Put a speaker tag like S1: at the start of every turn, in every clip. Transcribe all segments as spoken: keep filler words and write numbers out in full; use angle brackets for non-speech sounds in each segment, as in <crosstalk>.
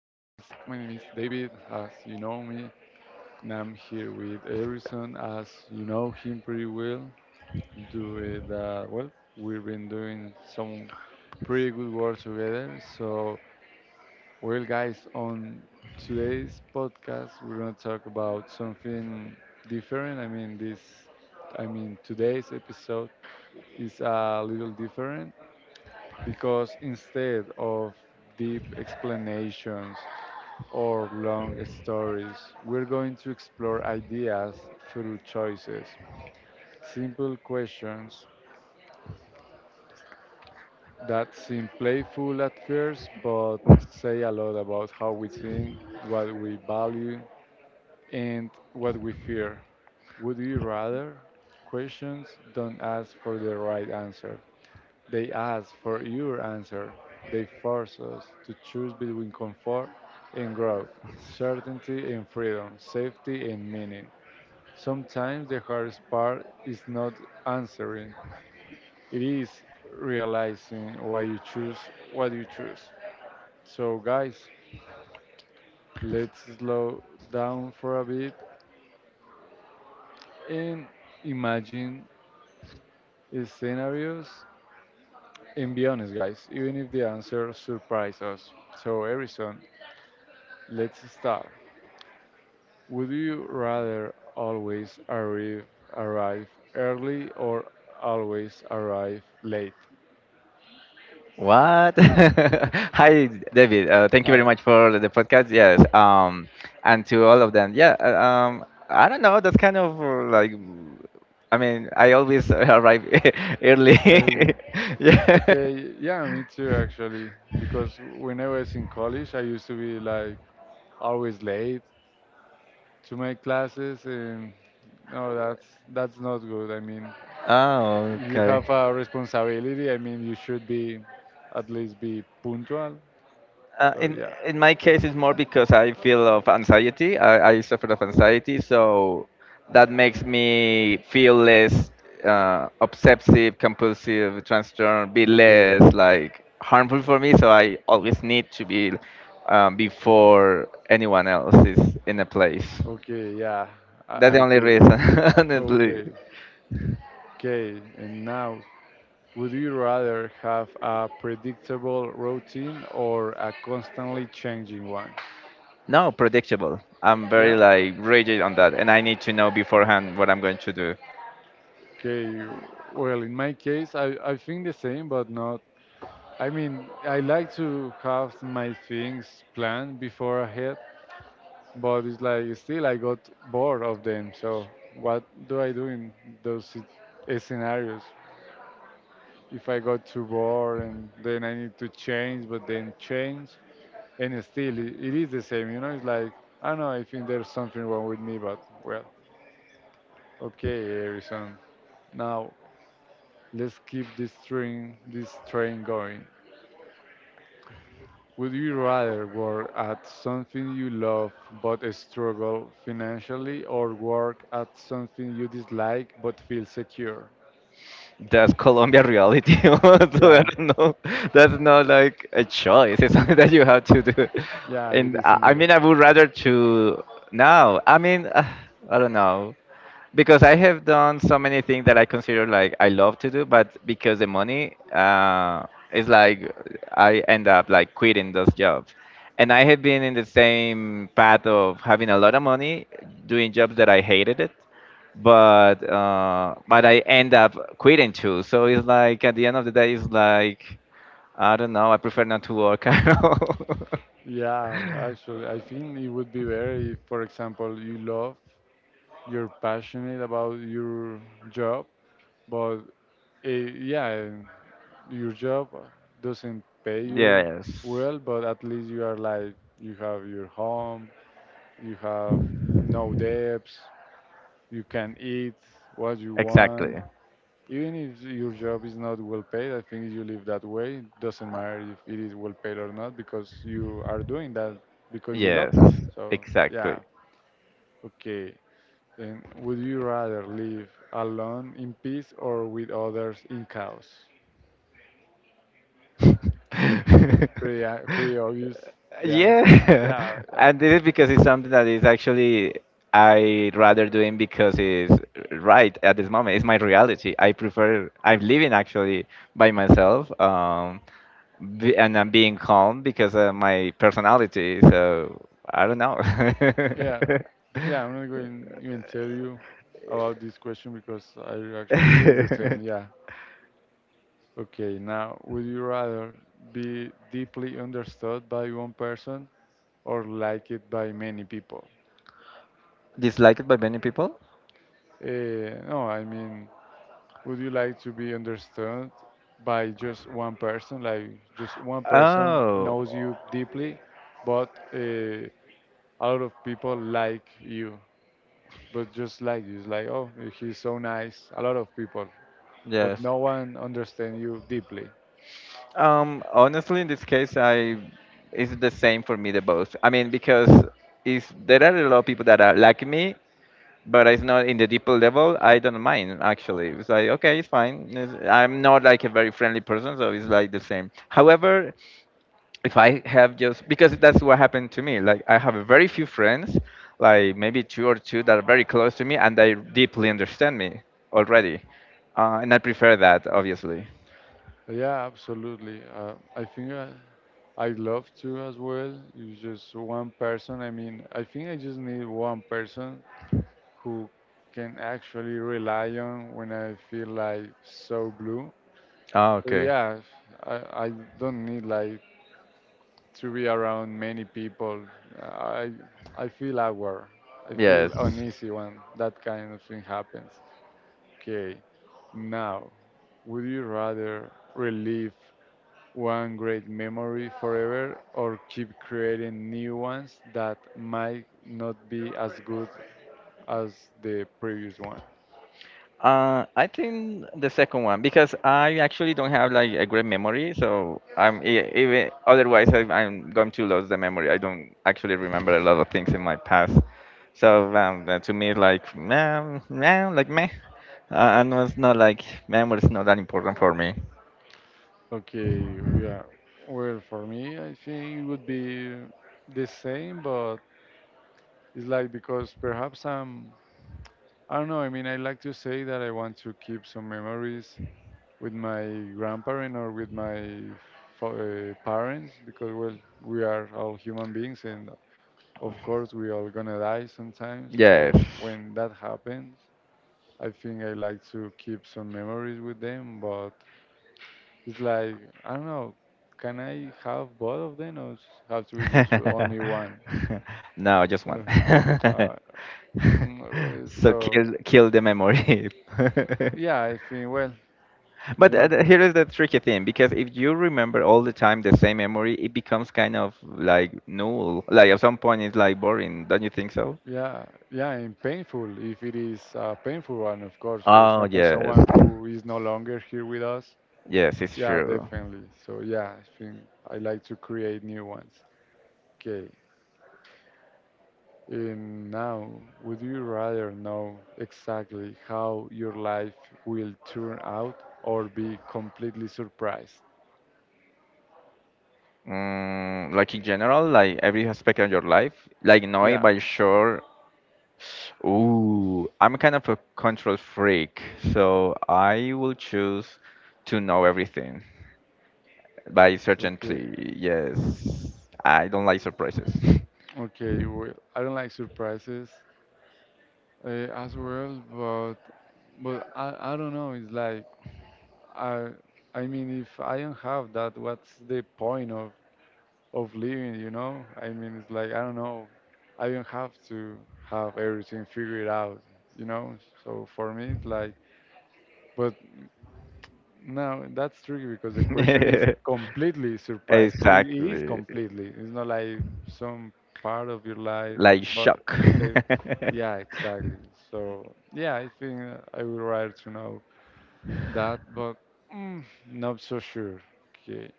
S1: My name is David, as you know me, and I'm here with Harrison, as you know him pretty well. Do it uh, well. We've been doing some pretty good work together. So, well, guys, on today's podcast, we're gonna talk about something different. I mean, this, I mean, today's episode is a little different because instead of deep explanations or long stories, we're going to explore ideas through choices, simple questions that seem playful at first but say a lot about how we think, what we value, and what we fear. Would you rather? Questions don't ask for the right answer. They ask for your answer. They force us to choose between comfort and growth, certainty and freedom, safety and meaning. Sometimes the hardest part is not answering, it is realizing why you choose what you choose. So, guys, let's slow down for a bit and imagine scenarios and be honest, guys, even if the answer surprises us. So, Harrison, let's start. Would you rather always arrive arrive early or always arrive late?
S2: What? <laughs> Hi, David. Uh, thank you
S1: Hi,
S2: very much for the podcast. Yes. Um, and to all of them. Yeah. uh, Um, I don't know. That's kind of uh, like, I mean, I always <laughs> arrive <laughs> early.
S1: early.
S2: <laughs> Yeah.
S1: Okay, yeah, me too actually. Because when I was in college, I used to be like always late to my classes, and no, that's that's not good. I mean,
S2: Oh,
S1: you
S2: okay.
S1: have a responsibility. I mean, you should be at least be punctual.
S2: Uh,
S1: So
S2: in
S1: yeah.
S2: in my case, it's more because I feel of anxiety. I, I suffer of anxiety, so that makes me feel less uh, obsessive, compulsive, transtorn, be
S1: Okay.
S2: less like harmful for me. So I always need to be um, before anyone else is in a place.
S1: Okay. Yeah,
S2: That's
S1: I,
S2: the
S1: I
S2: only
S1: feel
S2: reason, <laughs> honestly.
S1: okay. Okay, and now, would you rather have a predictable routine or a constantly changing one?
S2: No, predictable. I'm very
S1: Yeah.
S2: like rigid on that, and I need to know beforehand what I'm going to do.
S1: Okay. Well, in my case, I, I think the same, but not. I mean, I like to have my things planned before ahead, but it's like still I got bored of them. So what do I do in those sit- eh, scenarios? If I got too bored and then I need to change, but then change. And still it, it is the same, you know? It's like I don't know, I think there's something wrong with me, but well, okay, Harrison, now let's keep this train this train going. Would you rather work at something you love but struggle financially, or work at something you dislike but feel secure?
S2: That's Colombia reality. <laughs> So I
S1: Yeah.
S2: don't know. That's not like a choice. It's <laughs> something that you have to do.
S1: Yeah, it
S2: And
S1: is
S2: I, I
S1: indeed.
S2: mean, I would rather to now. I mean, uh, I don't know because I have done so many things that I consider like I love to do, but because the money uh, is like I end up like quitting those jobs. And I have been in the same path of having a lot of money doing jobs that I hated it but uh, but I end up quitting too. So it's like at the end of the day, it's like I don't know. I prefer not to work <laughs> at all.
S1: Yeah, actually, I think it would be better if, for example, you love, you're passionate about your job, but Uh, yeah, your job doesn't pay you
S2: Yes,
S1: well, but at least you are like, you have your home, you have no debts, you can eat what you
S2: exactly.
S1: want. Even if your job is not well paid, I think if you live that way, it doesn't matter if it is well paid or not because you are doing that because you love
S2: Yes,
S1: that. So,
S2: exactly.
S1: yeah, okay. And would you rather live alone in peace or with others in chaos?
S2: <laughs>
S1: Pretty uh, pretty obvious the answer.
S2: Yeah.
S1: Yeah,
S2: <laughs>
S1: yeah,
S2: And this is because it's something that is actually I rather doing because it's right at this moment. It's my reality. I prefer, I'm living actually by myself, um be, and I'm being calm because of my personality, so I don't know.
S1: yeah, yeah. I'm not going to even tell you about this question because I actually it is the same. Yeah.
S2: <laughs>
S1: Okay. Now, would you rather be deeply understood by one person or like it by many people?
S2: Disliked by many people.
S1: Uh, no, I mean, would you like to be understood by just one person? Like just one person
S2: Oh,
S1: knows you deeply, but uh, a lot of people like you. But just like you, it's like, oh, he's so nice, a lot of people, but
S2: yes.
S1: no one understand you deeply.
S2: Um, honestly, in this case, I it's the same for me the both. I mean, because if there are a lot of people that are like me, but it's not in the deeper level, I don't mind actually. It's like okay, it's fine. It's, I'm not like a very friendly person, so it's like the same. However, if I have just because that's what happened to me. Like I have very few friends, like maybe two or two that are very close to me, and they deeply understand me already, uh, and I prefer that obviously.
S1: Yeah, absolutely. Uh, i think I, I love to as well, it's just one person. I mean, I think I just need one person who can actually rely on when I feel like so blue.
S2: Ah,
S1: But
S2: okay.
S1: yeah, i, I don't need like to be around many people. I i feel awkward, I feel
S2: Yes.
S1: uneasy when that kind of thing happens. Okay, now, would you rather relive one great memory forever or keep creating new ones that might not be as good as the previous one?
S2: Uh, I think the second one because I actually don't have like a great memory, so I'm e- even otherwise I, I'm going to lose the memory. I don't actually remember a lot of things in my past, so um, that to me it's like man, man, like meh. Uh, and it's not like memory is not that important for me.
S1: Okay, yeah. Well, for me, I think it would be the same, but it's like because perhaps I'm, I don't know, I mean, I like to say that I want to keep some memories with my grandparent or with my fa- uh, parents because well we are all human beings and of course we all gonna die sometimes.
S2: Yes.
S1: So when that happens, I think I like to keep some memories with them, but it's like I don't know, can I have both of them, or s- have to be just only
S2: <laughs>
S1: one?
S2: No, just
S1: <laughs>
S2: one.
S1: uh, uh,
S2: <laughs>
S1: mm, well,
S2: So
S1: so
S2: kill kill the memory. <laughs>
S1: yeah, I think well you
S2: But
S1: know
S2: uh, th- here is the tricky thing because if you remember all the time the same memory, it becomes kind of like null. Like at some point, it's like boring. Don't you think so?
S1: Yeah, yeah, and painful if it is a painful one, of course. For
S2: Oh
S1: example,
S2: yes,
S1: someone who is no longer here with us.
S2: yes, it's
S1: Yeah,
S2: true.
S1: definitely. So yeah, I think I like to create new ones. Okay. And now, would you rather know exactly how your life will turn out or be completely surprised?
S2: Mm, like in general, like every aspect of your life, like knowing
S1: Yeah,
S2: by sure. Ooh, I'm kind of a control freak, so I will choose to know everything by
S1: okay.
S2: certainty. Yes, I don't like surprises.
S1: Okay, well, I don't like surprises uh, as well, but but I, I don't know, it's like I I mean, if I don't have that, what's the point of of living? You know, I mean, it's like I don't know. I don't have to have everything figured out. You know, so for me, it's like. But no, that's tricky because the question is
S2: <laughs>
S1: completely
S2: <laughs>
S1: surprised. It, it is
S2: Exactly.
S1: completely. It's not like some part of your life,
S2: Like
S1: but
S2: shock.
S1: uh, yeah,
S2: <laughs>
S1: exactly. So yeah, I think I would rather to know that, but mm, not so sure. Okay.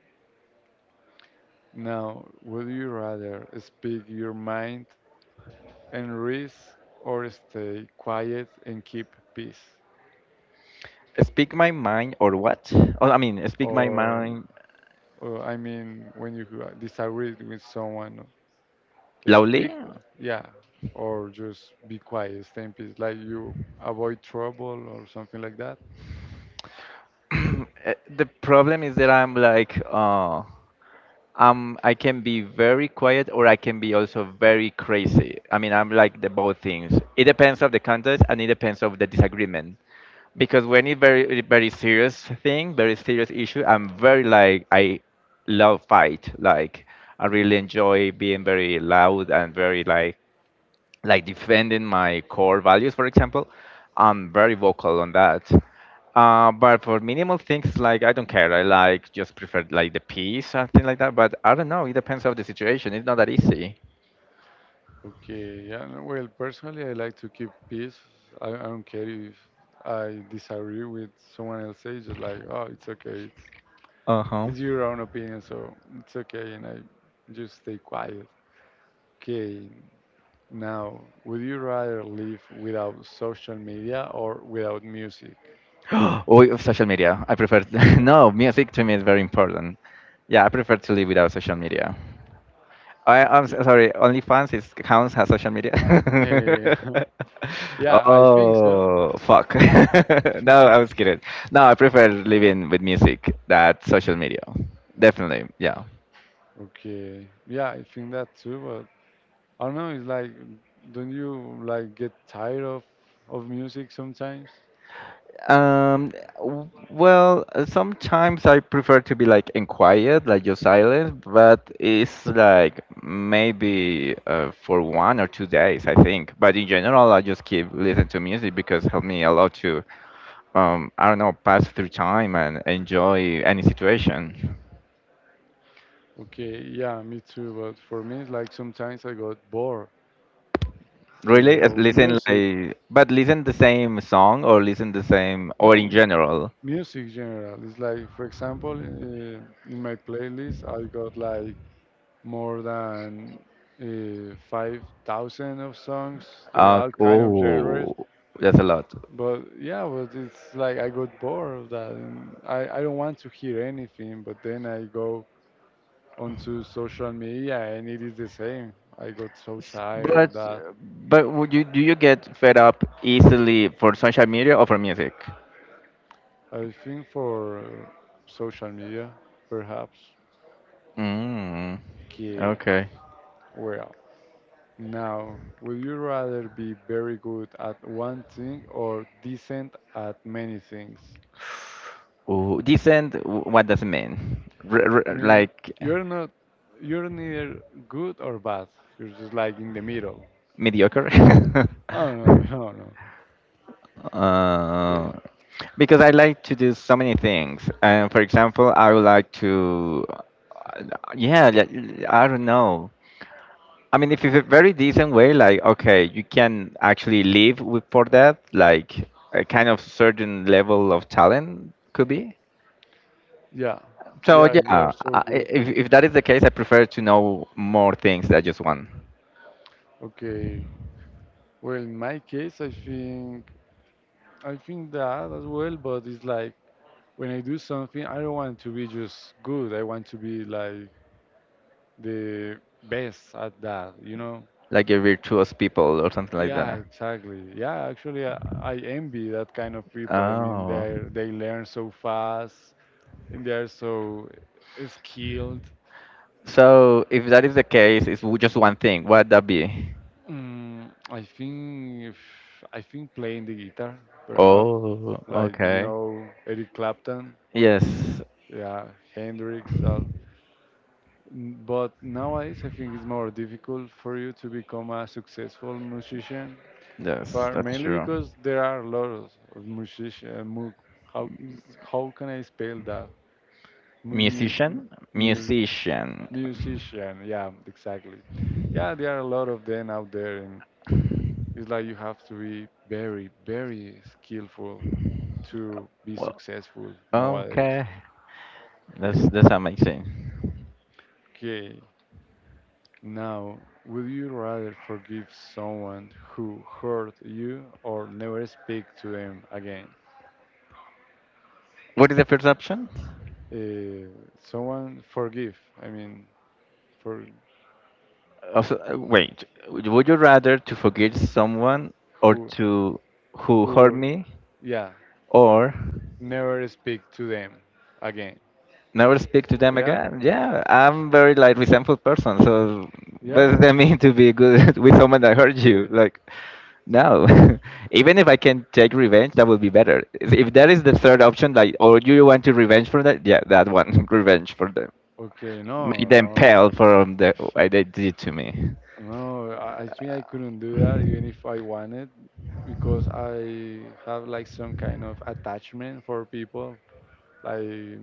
S1: Now, would you rather speak your mind and risk or stay quiet and keep peace?
S2: Speak my mind or what? Oh, I mean, speak my
S1: Or,
S2: mind
S1: uh, I mean, when you uh, disagree with someone,
S2: loudly.
S1: speak, yeah, or just be quiet, stay in peace, like you avoid trouble or something like that?
S2: <clears throat> Eh, the problem is that I'm like, uh, um, I can be very quiet or I can be also very crazy. I mean, I'm like the both things. It depends of the context and it depends of the disagreement. Because when it's very very serious thing, very serious issue, I'm very like, I love fight. Like I really enjoy being very loud and very like like defending my core values, for example. I'm very vocal on that. Uh, but for minimal things, like I don't care, I like just prefer like the peace or something like that. But I don't know, it depends on the situation, it's not that easy.
S1: Okay, yeah, no, well, personally, I like to keep peace. I, I don't care if I disagree with someone else, it's just like, oh, it's okay, it's
S2: Uh-huh.
S1: It's your own opinion, so it's okay, and I just stay quiet. Okay, now, would you rather live without social media or without music?
S2: <gasps> Oh, social media. I prefer <laughs>
S1: Social?
S2: no music to me is very important. Yeah, I prefer to live without social media. I, I'm s-
S1: Okay.
S2: sorry, OnlyFans is counts as social media.
S1: Eh,
S2: <laughs>
S1: <laughs> yeah, I think so.
S2: Oh fuck! <laughs> No, I was kidding. No, I prefer living with music than social media. Definitely, yeah.
S1: Okay. Yeah, I think that too, but I don't know, it's like, don't you like get tired of of music sometimes?
S2: Um, w- well, uh, sometimes I prefer to be like in quiet, like just silent, but it's like maybe uh, for one or two days, I think. But in general, I just keep listening to music because help me a lot to, um, I don't know, pass through time and enjoy any situation.
S1: Okay, yeah, me too, but for me it's like sometimes I got bored
S2: Really,
S1: uh,
S2: uh,
S1: of
S2: listen
S1: music.
S2: like, but listen the same song or listen the same, or in
S1: No.
S2: general.
S1: Music general is like, for example, uh, in my playlist, I got like more than uh, five thousand of songs, they
S2: Uh,
S1: all kind of genres.
S2: oh, that's a lot.
S1: But yeah, but it's like I got bored of that, and I, I don't want to hear anything. But then I go onto social media, and it is the same. I got so tired
S2: But
S1: of that.
S2: but would you do you get fed up easily for social media or for music?
S1: I think for social media, perhaps,
S2: Mm.
S1: que
S2: Okay.
S1: well. Now, would you rather be very good at one thing or decent at many things?
S2: Ooh, decent. w- What does it mean? R-
S1: I
S2: r-
S1: mean,
S2: like
S1: you're not, you're neither good or bad. You're just like in the middle.
S2: mediocre? <laughs>
S1: Oh, no, no, no. <laughs>
S2: Uh,
S1: Okay.
S2: because I like to do so many things. And for example, I would like to, uh, yeah, li- I don't know. I mean, if it's a very decent way, like okay, you can actually live with for that, like a kind of certain level of talent could be.
S1: Yeah.
S2: So
S1: Yeah, you are
S2: yeah,
S1: so
S2: I,
S1: good.
S2: if if that is the case, I prefer to know more things than just one,
S1: Okay. Well, in my case, I think, I think that as well, but it's like when I do something, I don't want to be just good. I want to be like the best at that, you know?
S2: like a virtuous people or something like
S1: Yeah,
S2: that.
S1: exactly. Yeah, actually, I, I envy that kind of people. I mean,
S2: Oh,
S1: they they learn so fast and they are so skilled.
S2: so if that is the case, it's w- just one thing. What that be?
S1: Mm, I think if I think playing the guitar, perhaps,
S2: Oh,
S1: like you
S2: okay.
S1: know Eric Clapton,
S2: Yes,
S1: yeah, Hendrix. Uh, n- but nowadays, I think it's more difficult for you to become a successful musician,
S2: yes,
S1: but
S2: that's
S1: mainly
S2: true.
S1: because there are a lot of musician. Mu- how is how can I spell that? mu- mu-
S2: Musician,
S1: mu-
S2: musician.
S1: Musician. Yeah, exactly. Yeah, there are a lot of them out there, and it's like you have to be very, very skillful to be
S2: Well.
S1: successful nowadays.
S2: Okay, that's
S1: Okay,
S2: that's amazing.
S1: okay. Now, would you rather forgive someone who hurt you or never speak to them again?
S2: What is the first option?
S1: Uh, someone forgive. I mean, for
S2: Also, uh, wait, would would you rather to forgive someone or
S1: who,
S2: to who hurt
S1: who,
S2: me
S1: yeah,
S2: or
S1: never speak to them again.
S2: never speak to them
S1: Yeah,
S2: again? Yeah, I'm very like resentful person, so what
S1: yeah.
S2: does that <laughs> mean to be good <laughs> with someone that hurt you?
S1: Okay.
S2: Like, no. <laughs> Even if I can take revenge, that would be better. If if that is the third option, like, or you want to revenge for that, yeah, that one, <laughs> revenge for them.
S1: Okay.
S2: Make
S1: No.
S2: them
S1: No,
S2: pale
S1: it's-
S2: from the what they did to me.
S1: no. I, I think I couldn't do that even if I wanted, because I have like some kind of attachment for people, like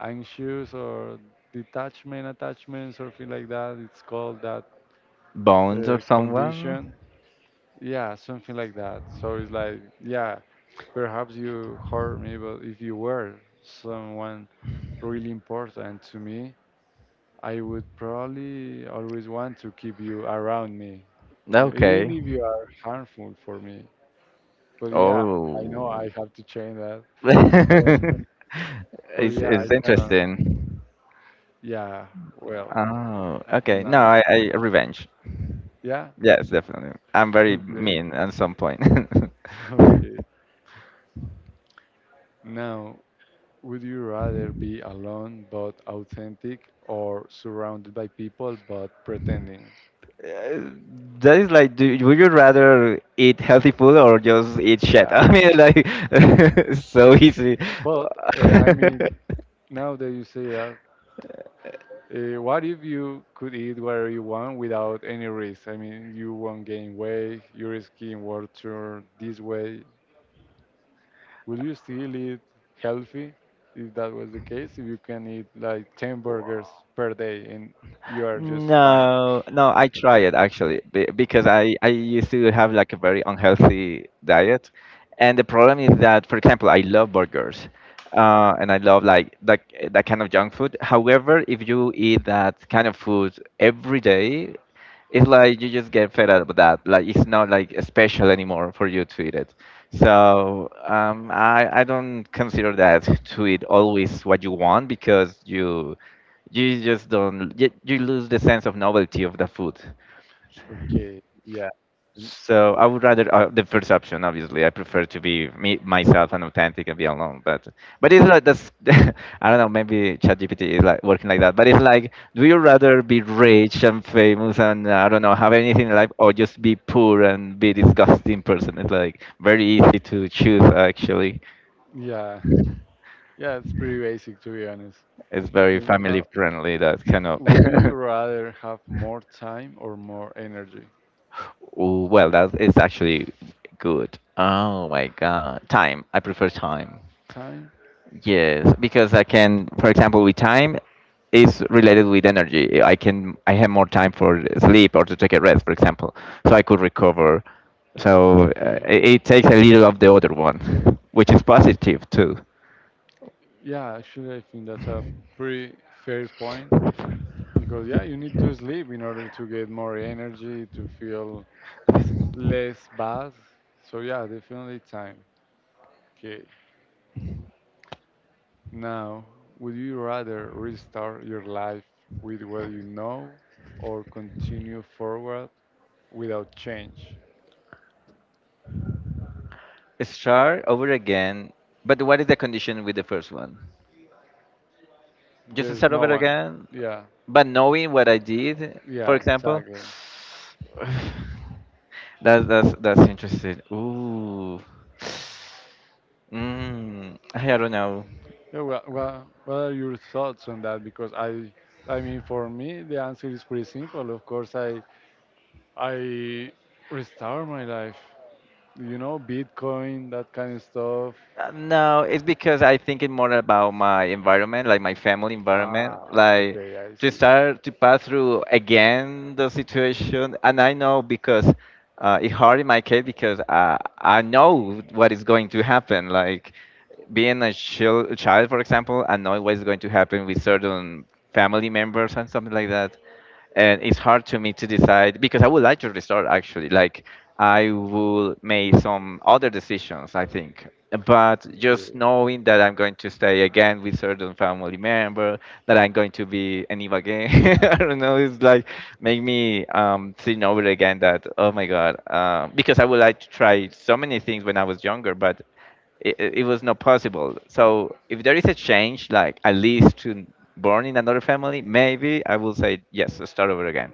S1: anxious or detachment attachment, something like that. It's called that
S2: Bones or
S1: uh,
S2: someone?
S1: condition. Yeah, something like that. So it's like, yeah, perhaps you hurt me, but if you were someone really important to me, I would probably always want to keep you around me, e- even
S2: Okay.
S1: if you are harmful for me. But yeah, I know I
S2: Oh.
S1: have to change that.
S2: <laughs>
S1: But,
S2: it's,
S1: but
S2: it's
S1: yeah, I cannot.
S2: interesting.
S1: Yeah, well,
S2: Oh, okay. No,
S1: now,
S2: I, I revenge.
S1: yeah,
S2: Yes, definitely. I'm very
S1: okay,
S2: mean at some point.
S1: <laughs> okay.
S2: <laughs>
S1: Now, would you rather be alone but authentic or surrounded by people but pretending?
S2: Uh, That is like, do, would you rather eat healthy food or just eat shit? <laughs>
S1: Yeah,
S2: I mean, like, <laughs> so easy.
S1: but uh, I mean, now that you say that, Uh, what if you could eat whatever you want without any risk? I mean, you won't gain weight, your skin will turn this way. Will you still eat
S2: <laughs>
S1: healthy if that was the case? If you can eat like ten
S2: Wow.
S1: burgers per day and you are just fine.
S2: No, no, I try it actually be- because I, I used to have like a very unhealthy diet. And the problem is that, for example, I love burgers uh, and I love like that, that kind of junk food. However, if you eat that kind of food every day, it's like you just get fed up with that. Like it's not like special anymore for you to eat it. So um, I I don't consider that to eat always what you want because you you just don't you, you lose the sense of novelty of the food.
S1: Okay, yeah. Mm,
S2: So I would rather uh, the first option. Obviously I prefer to be me, myself, and authentic, and be alone, but but it's like that's, <laughs> I don't know, maybe ChatGPT is like working like that. But it's like, do you rather be rich and famous and uh, I don't know, have anything like, or just be poor and be disgusting person? It's like very easy to choose actually.
S1: yeah, yeah, it's pretty basic to be honest.
S2: It's very
S1: And
S2: family
S1: now,
S2: friendly, that kind of
S1: would you
S2: <laughs>
S1: rather have more time or more energy?
S2: Ooh, well, that is actually good. Oh my God. Time. I prefer time.
S1: Time?
S2: Yes, because I can, for example, with time is related with energy. I can, I have more time for sleep or to take a rest, for example, so I could recover. So uh,
S1: Okay.
S2: it, it takes a little of the other one, <laughs> which is positive too.
S1: Yeah, actually, I think that's a pretty fair point. Because yeah, you need to sleep in order to get more energy, to feel less bad. So yeah, definitely time. Okay. Now, would you rather restart your life with what you know or continue forward without change?
S2: Start over again, but what is the condition with the first one? Just
S1: There's
S2: start
S1: no
S2: over
S1: one.
S2: again?
S1: Yeah.
S2: But knowing what I did, for
S1: Yeah,
S2: example,
S1: exactly.
S2: <sighs> that's that's that's interesting. Ooh, mm, I don't know.
S1: Yeah, well, well, what are your thoughts on that? Because I I mean for me the answer is pretty simple. Of course I I restart my life. You know, Bitcoin, that kind of stuff.
S2: Uh, No, it's because I thinking more about my environment, like my family environment,
S1: Ah,
S2: like
S1: okay, I
S2: to
S1: see.
S2: start to pass through again the situation. And I know because uh, it's hard in my case because uh, I know what is going to happen. Like being a chil child, for example, I know what's going to happen with certain family members and something like that and it's hard to me to decide because I would like to restart actually. Like I will make some other decisions, I think. But
S1: Okay,
S2: just knowing that I'm going to stay again with certain family member, that I'm going to be an Eva again, <laughs> I don't know. It's like make me um, think over again that oh my god, um, because I would like to try so many things when I was younger, but it, it was not possible. So if there is a change, like at least to born in another family, maybe I will say yes, start over again.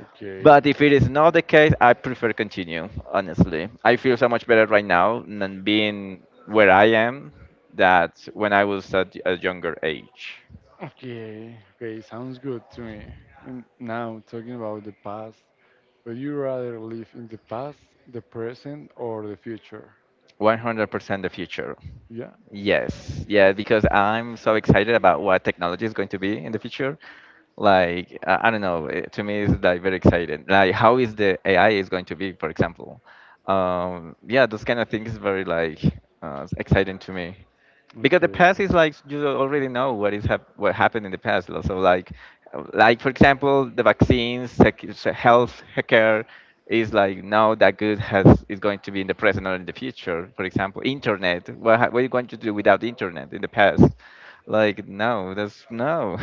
S1: okay,
S2: But if it is not the case, I prefer continue. Honestly, I feel so much better right now than being where I am that when I was at a younger age.
S1: okay, okay. Sounds good to me. And now talking about the past, would you rather live in the past, the present, or the future?
S2: one hundred percent the future.
S1: Yeah.
S2: Yes, yeah, because I'm so excited about what technology is going to be in the future. Like, uh, I don't know, eh, to me it's like very exciting. Like, how is the A I is going to be, for example? Um, yeah, those kind of things is very like uh, exciting to me because the
S1: Okay.
S2: past is like you already know what is hap- what happened in the past, lo- so like, uh, like for example the vaccines, sec- se- health care is like now that good has is going to be in the present or in the future. For example, internet, what, ha- what are you going to do without the internet in the past? Like, no, that's no.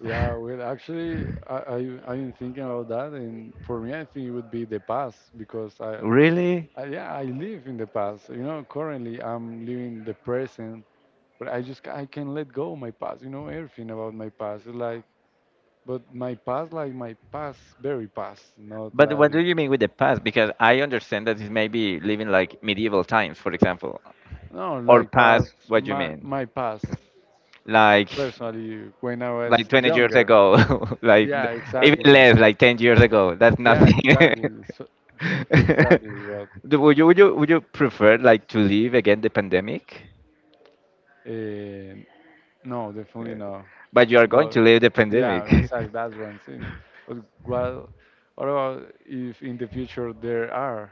S1: Yeah. Well, actually, I I I've been thinking about that, and for me, I think it would be the past because
S2: <laughs>
S1: I,
S2: Really?
S1: I yeah I live in the past. You know, currently I'm living the present, but I just I can let go my past. You know, everything about my past. It's like, but my past, like my past, very past, not
S2: But what
S1: like
S2: do you mean with the past? Because I understand that it may be living like medieval times, for example.
S1: no,
S2: Or
S1: like
S2: past,
S1: past
S2: what do you
S1: my
S2: mean?
S1: my past
S2: like
S1: personally when I was
S2: like twenty years
S1: younger.
S2: ago. <laughs> Like
S1: Yeah,
S2: th- even
S1: exactly.
S2: less, like ten years ago, that's
S1: Yeah,
S2: nothing. <laughs>
S1: exactly. So, exactly. But
S2: Do- would you would you would you prefer like to leave again the pandemic?
S1: uh, no, definitely no.
S2: But you are going
S1: But
S2: to leave the
S1: yeah,
S2: pandemic. <laughs>
S1: exactly. That's what I'm saying. But well, what about if in the future there are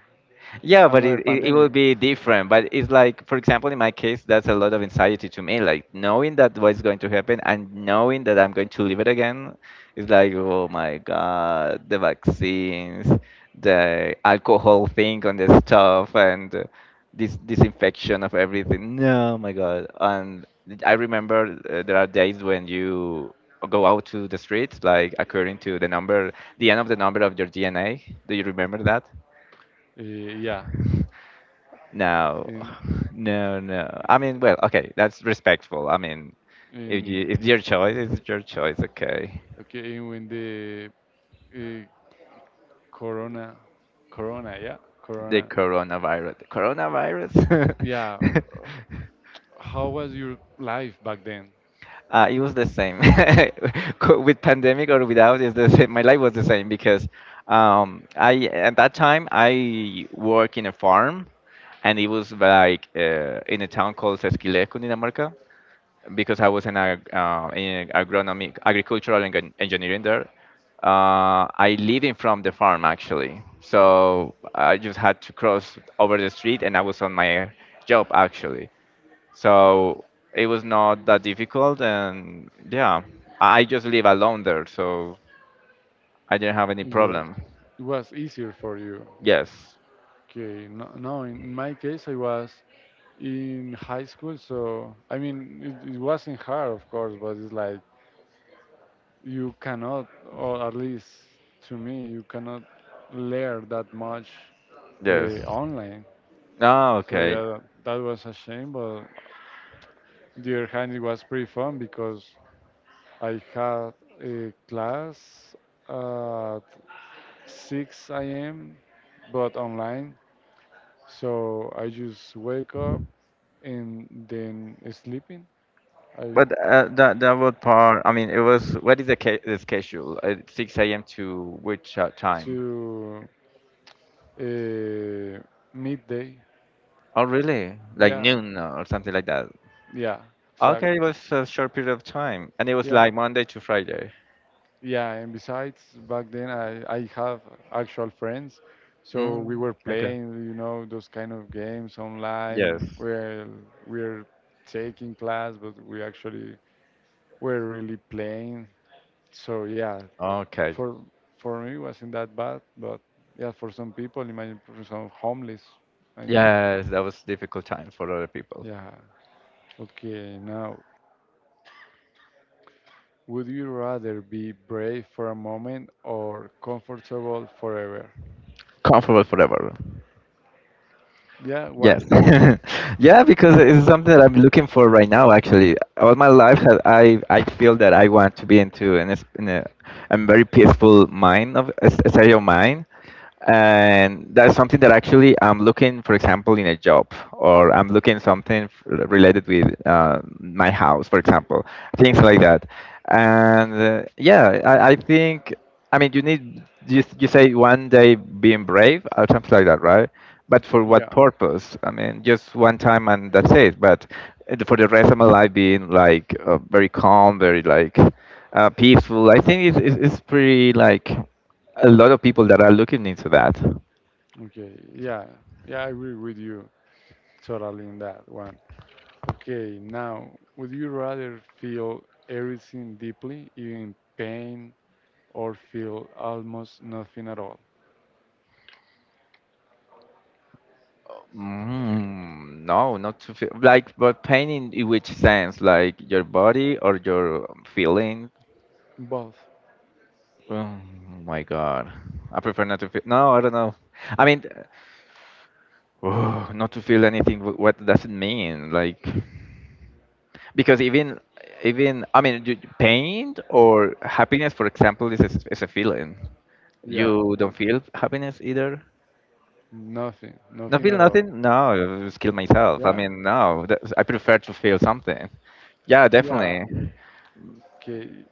S2: Yeah, but it,
S1: another
S2: it, it will
S1: pandemic?
S2: be different. But it's like, for example, in my case, that's a lot of anxiety to me. Like knowing that what's going to happen and knowing that I'm going to live it again, it's like, oh my God, the vaccines, the alcohol thing on the stuff, and uh, this disinfection of everything. No, my God. And I remember uh, there are days when you go out to the streets, like according to the number, the end of the number of your D N A. Do you remember that?
S1: Uh, yeah.
S2: No,
S1: In
S2: <sighs> <laughs> no, no. I mean, well, okay, that's respectful. I mean, if you
S1: in
S2: it's your choice, it's your choice. Okay,
S1: okay, in when the uh, corona, corona, yeah,
S2: the
S1: corona,
S2: coronavirus, the
S1: yeah.
S2: coronavirus.
S1: h-
S2: <laughs>
S1: How was your life back then?
S2: Uh, it was the same <laughs> Co- with pandemic or without. Is the same. My life was the same because um, I at that time I work in a farm, and it was like uh, in a town called Sesquilejo, Dinamarca, because I was in, ag uh, in agronomic agricultural eng- engineering there. Uh, I living from the farm actually, so I just had to cross over the street, and I was on my job actually. So it was not that difficult, and yeah, I I just live alone there, so I didn't have any
S1: It was
S2: problem.
S1: it was easier for you.
S2: Yes,
S1: Okay, no, no. In, in my case, I was in high school, so I mean, it, it wasn't hard, of course, but it's like you cannot, or at least to me, you cannot learn that much
S2: yes.
S1: uh, online.
S2: Oh,
S1: So
S2: okay.
S1: yeah, that was a shame, but the other hand, it was pretty fun because I had a class at six a m but online. So I just wake up and then sleeping. I
S2: But uh, that that was part. I mean, it was. What is the, ca- the schedule? Uh, six a m to which uh, time?
S1: to uh, midday.
S2: Oh, really? Like
S1: Yeah,
S2: noon or something like that.
S1: yeah,
S2: Okay,
S1: exactly.
S2: it was a short period of time, and it was
S1: Yeah,
S2: like Monday to Friday.
S1: yeah, and besides, back then I, I have actual friends, so we
S2: Mm,
S1: were
S2: okay.
S1: playing, you know, those kind of games online.
S2: Yes.
S1: Where we're taking class, but we actually were really playing. So yeah,
S2: Okay.
S1: for for me it wasn't that bad, but yeah, for some people, imagine for some homeless. I mean,
S2: Yes, that was difficult time for other people.
S1: yeah. Okay, now, would you rather be brave for a moment or comfortable forever?
S2: Comfortable forever.
S1: Yeah,
S2: Yes.
S1: why?
S2: <laughs> yeah, because it's something that I'm looking for right now. Actually, all my life, ha- I I feel that I want to be into an es- in a, a very peaceful mind of a s- a state of mind. And that's something that actually I'm looking, for example, in a job, or I'm looking something f- related with uh, my house, for example, things like that. And uh, yeah, I, I think, I mean, you need you, you say one day being brave or something like that, right? But for
S1: Yeah.
S2: what purpose? I mean, just one time and that's it. But uh, for the rest of my life, being like uh, very calm, very like uh, peaceful, I think it's, it's, it's pretty like a lot of people that are looking into that.
S1: Okay, yeah, yeah, I agree with you totally in that one. Okay, now, would you rather feel everything deeply, even pain, or feel almost nothing at all?
S2: Mm, no, not to feel like, but pain in, in which sense? Like your body or your feeling?
S1: Both.
S2: Oh my God, I prefer not to feel. No, I don't know. I mean, oh, not to feel anything. wh- What does it mean? Like, because even even I mean, you- pain or happiness, for example, is a, is a feeling.
S1: Yeah,
S2: You
S1: well,
S2: don't feel happiness either.
S1: nothing,
S2: I
S1: nothing
S2: feel
S1: at all.
S2: nothing. No, I just kill myself. I
S1: Yeah,
S2: mean, no, that's, I prefer to feel something. Yeah,
S1: yeah,
S2: definitely.
S1: okay.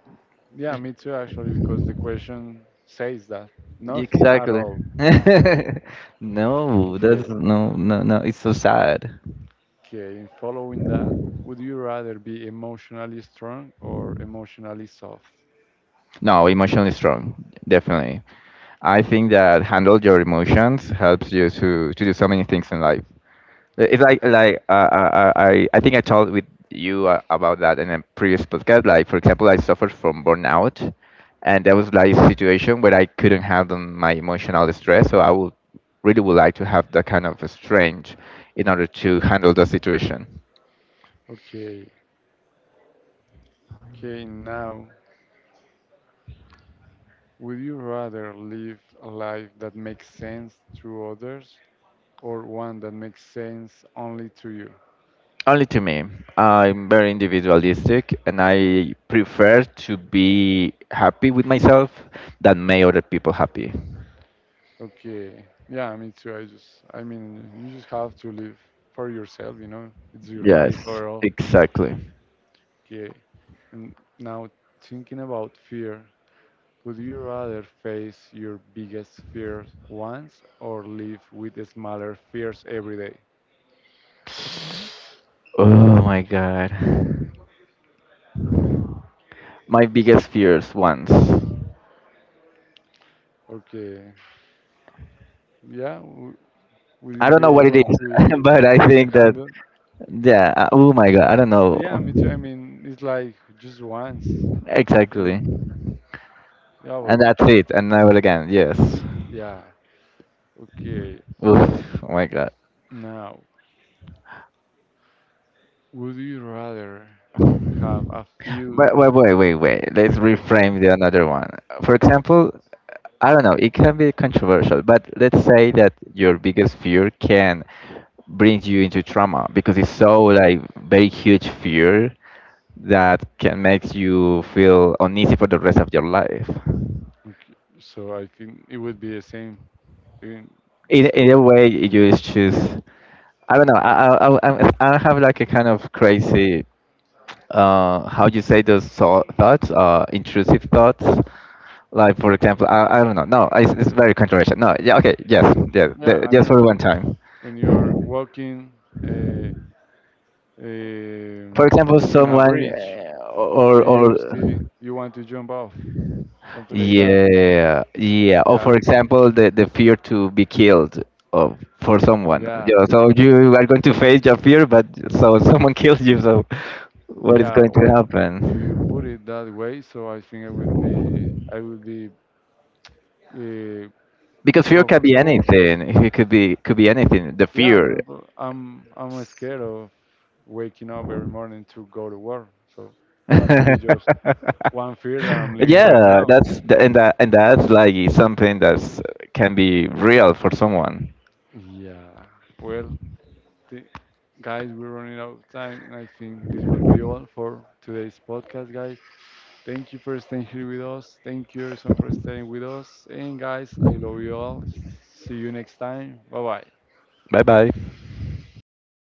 S1: Yeah, me too, actually, because the question says that nothing at
S2: Exactly.
S1: all.
S2: <laughs>
S1: So,
S2: No, that's
S1: okay,
S2: no, no, no. It's so sad.
S1: okay, in following that, would you rather be emotionally strong or emotionally soft?
S2: No, emotionally strong. Definitely. I think that handle your emotions helps you to to do so many things in life. Uh, It's like like uh, I I I think I talked with you uh, about that in a previous podcast. Like for example, I suffered from burnout, and that was like a situation where I couldn't handle my emotional stress. So I would really would like to have that kind of a strength in order to handle the situation.
S1: Okay, okay, now, would you rather live a life that makes sense to others or one that makes sense only to you?
S2: Only to me. I'm very individualistic, and I prefer to be happy with myself than make other people happy.
S1: Okay, yeah, me too. I just, I mean, you just have to live for yourself, you know, it's your life
S2: Yes,
S1: or all.
S2: exactly.
S1: Okay, and now thinking about fear, would you rather face your biggest fears once or live with smaller fears every day?
S2: Oh my god. My biggest fears once.
S1: Okay, yeah. Will
S2: I
S1: you
S2: don't know
S1: be
S2: what it
S1: able
S2: is,
S1: to
S2: <laughs> but I
S1: to
S2: think that
S1: handle?
S2: yeah, uh, oh my god, I don't know.
S1: Yeah, me too. I mean, it's like just once,
S2: Exactly.
S1: and yeah, but
S2: And that's it, and never again. Yes.
S1: yeah, okay.
S2: Oof, oh my god.
S1: Now, would you rather have a few?
S2: Wait, wait, wait, wait, wait. Let's
S1: Wait, yeah,
S2: reframe the another one. For example, I don't know. It can be controversial, but let's say that your biggest fear can bring you into trauma because it's so like very huge fear that can make you feel uneasy for the rest of your life.
S1: okay. So I think it would be the same. in-
S2: either,
S1: So
S2: either way you just choose. I don't know, i i i, i have like a kind of crazy, uh how you say those thou- thoughts, uh intrusive thoughts. Like for example, i, I don't know. No, it's, it's very controversial. No, yeah, okay, yes, yeah,
S1: yeah,
S2: the,
S1: I
S2: just for
S1: know
S2: one time.
S1: when you are walking uh,
S2: For
S1: um,
S2: example,
S1: in a
S2: someone,
S1: bridge
S2: uh, or
S1: and
S2: or
S1: you see you want to jump off, something like that.
S2: yeah, yeah. Or
S1: Yeah,
S2: for example, the the fear to be killed of for someone.
S1: yeah.
S2: Yeah, so you are going to face your fear, but so <laughs> someone kills you. So what is
S1: Yeah,
S2: going to
S1: well, if you put
S2: happen?
S1: it that way, so I think I would be I would be uh,
S2: Because fear can be
S1: comfortable.
S2: anything. It could be could be anything. The
S1: Yeah,
S2: fear.
S1: for example, I'm I'm scared of waking up every morning to go to work. So that could be
S2: <laughs>
S1: just one fear that I'm living right
S2: Yeah,
S1: now.
S2: that's the, and that and that's like something that's can be real for someone.
S1: Yeah. Well, th- guys, we're running out of time, and I think this would be all for today's podcast, guys. Thank you for staying here with us. Thank you, everyone, for staying with us. And guys, I love you all. See you next time. Bye bye.
S2: Bye bye.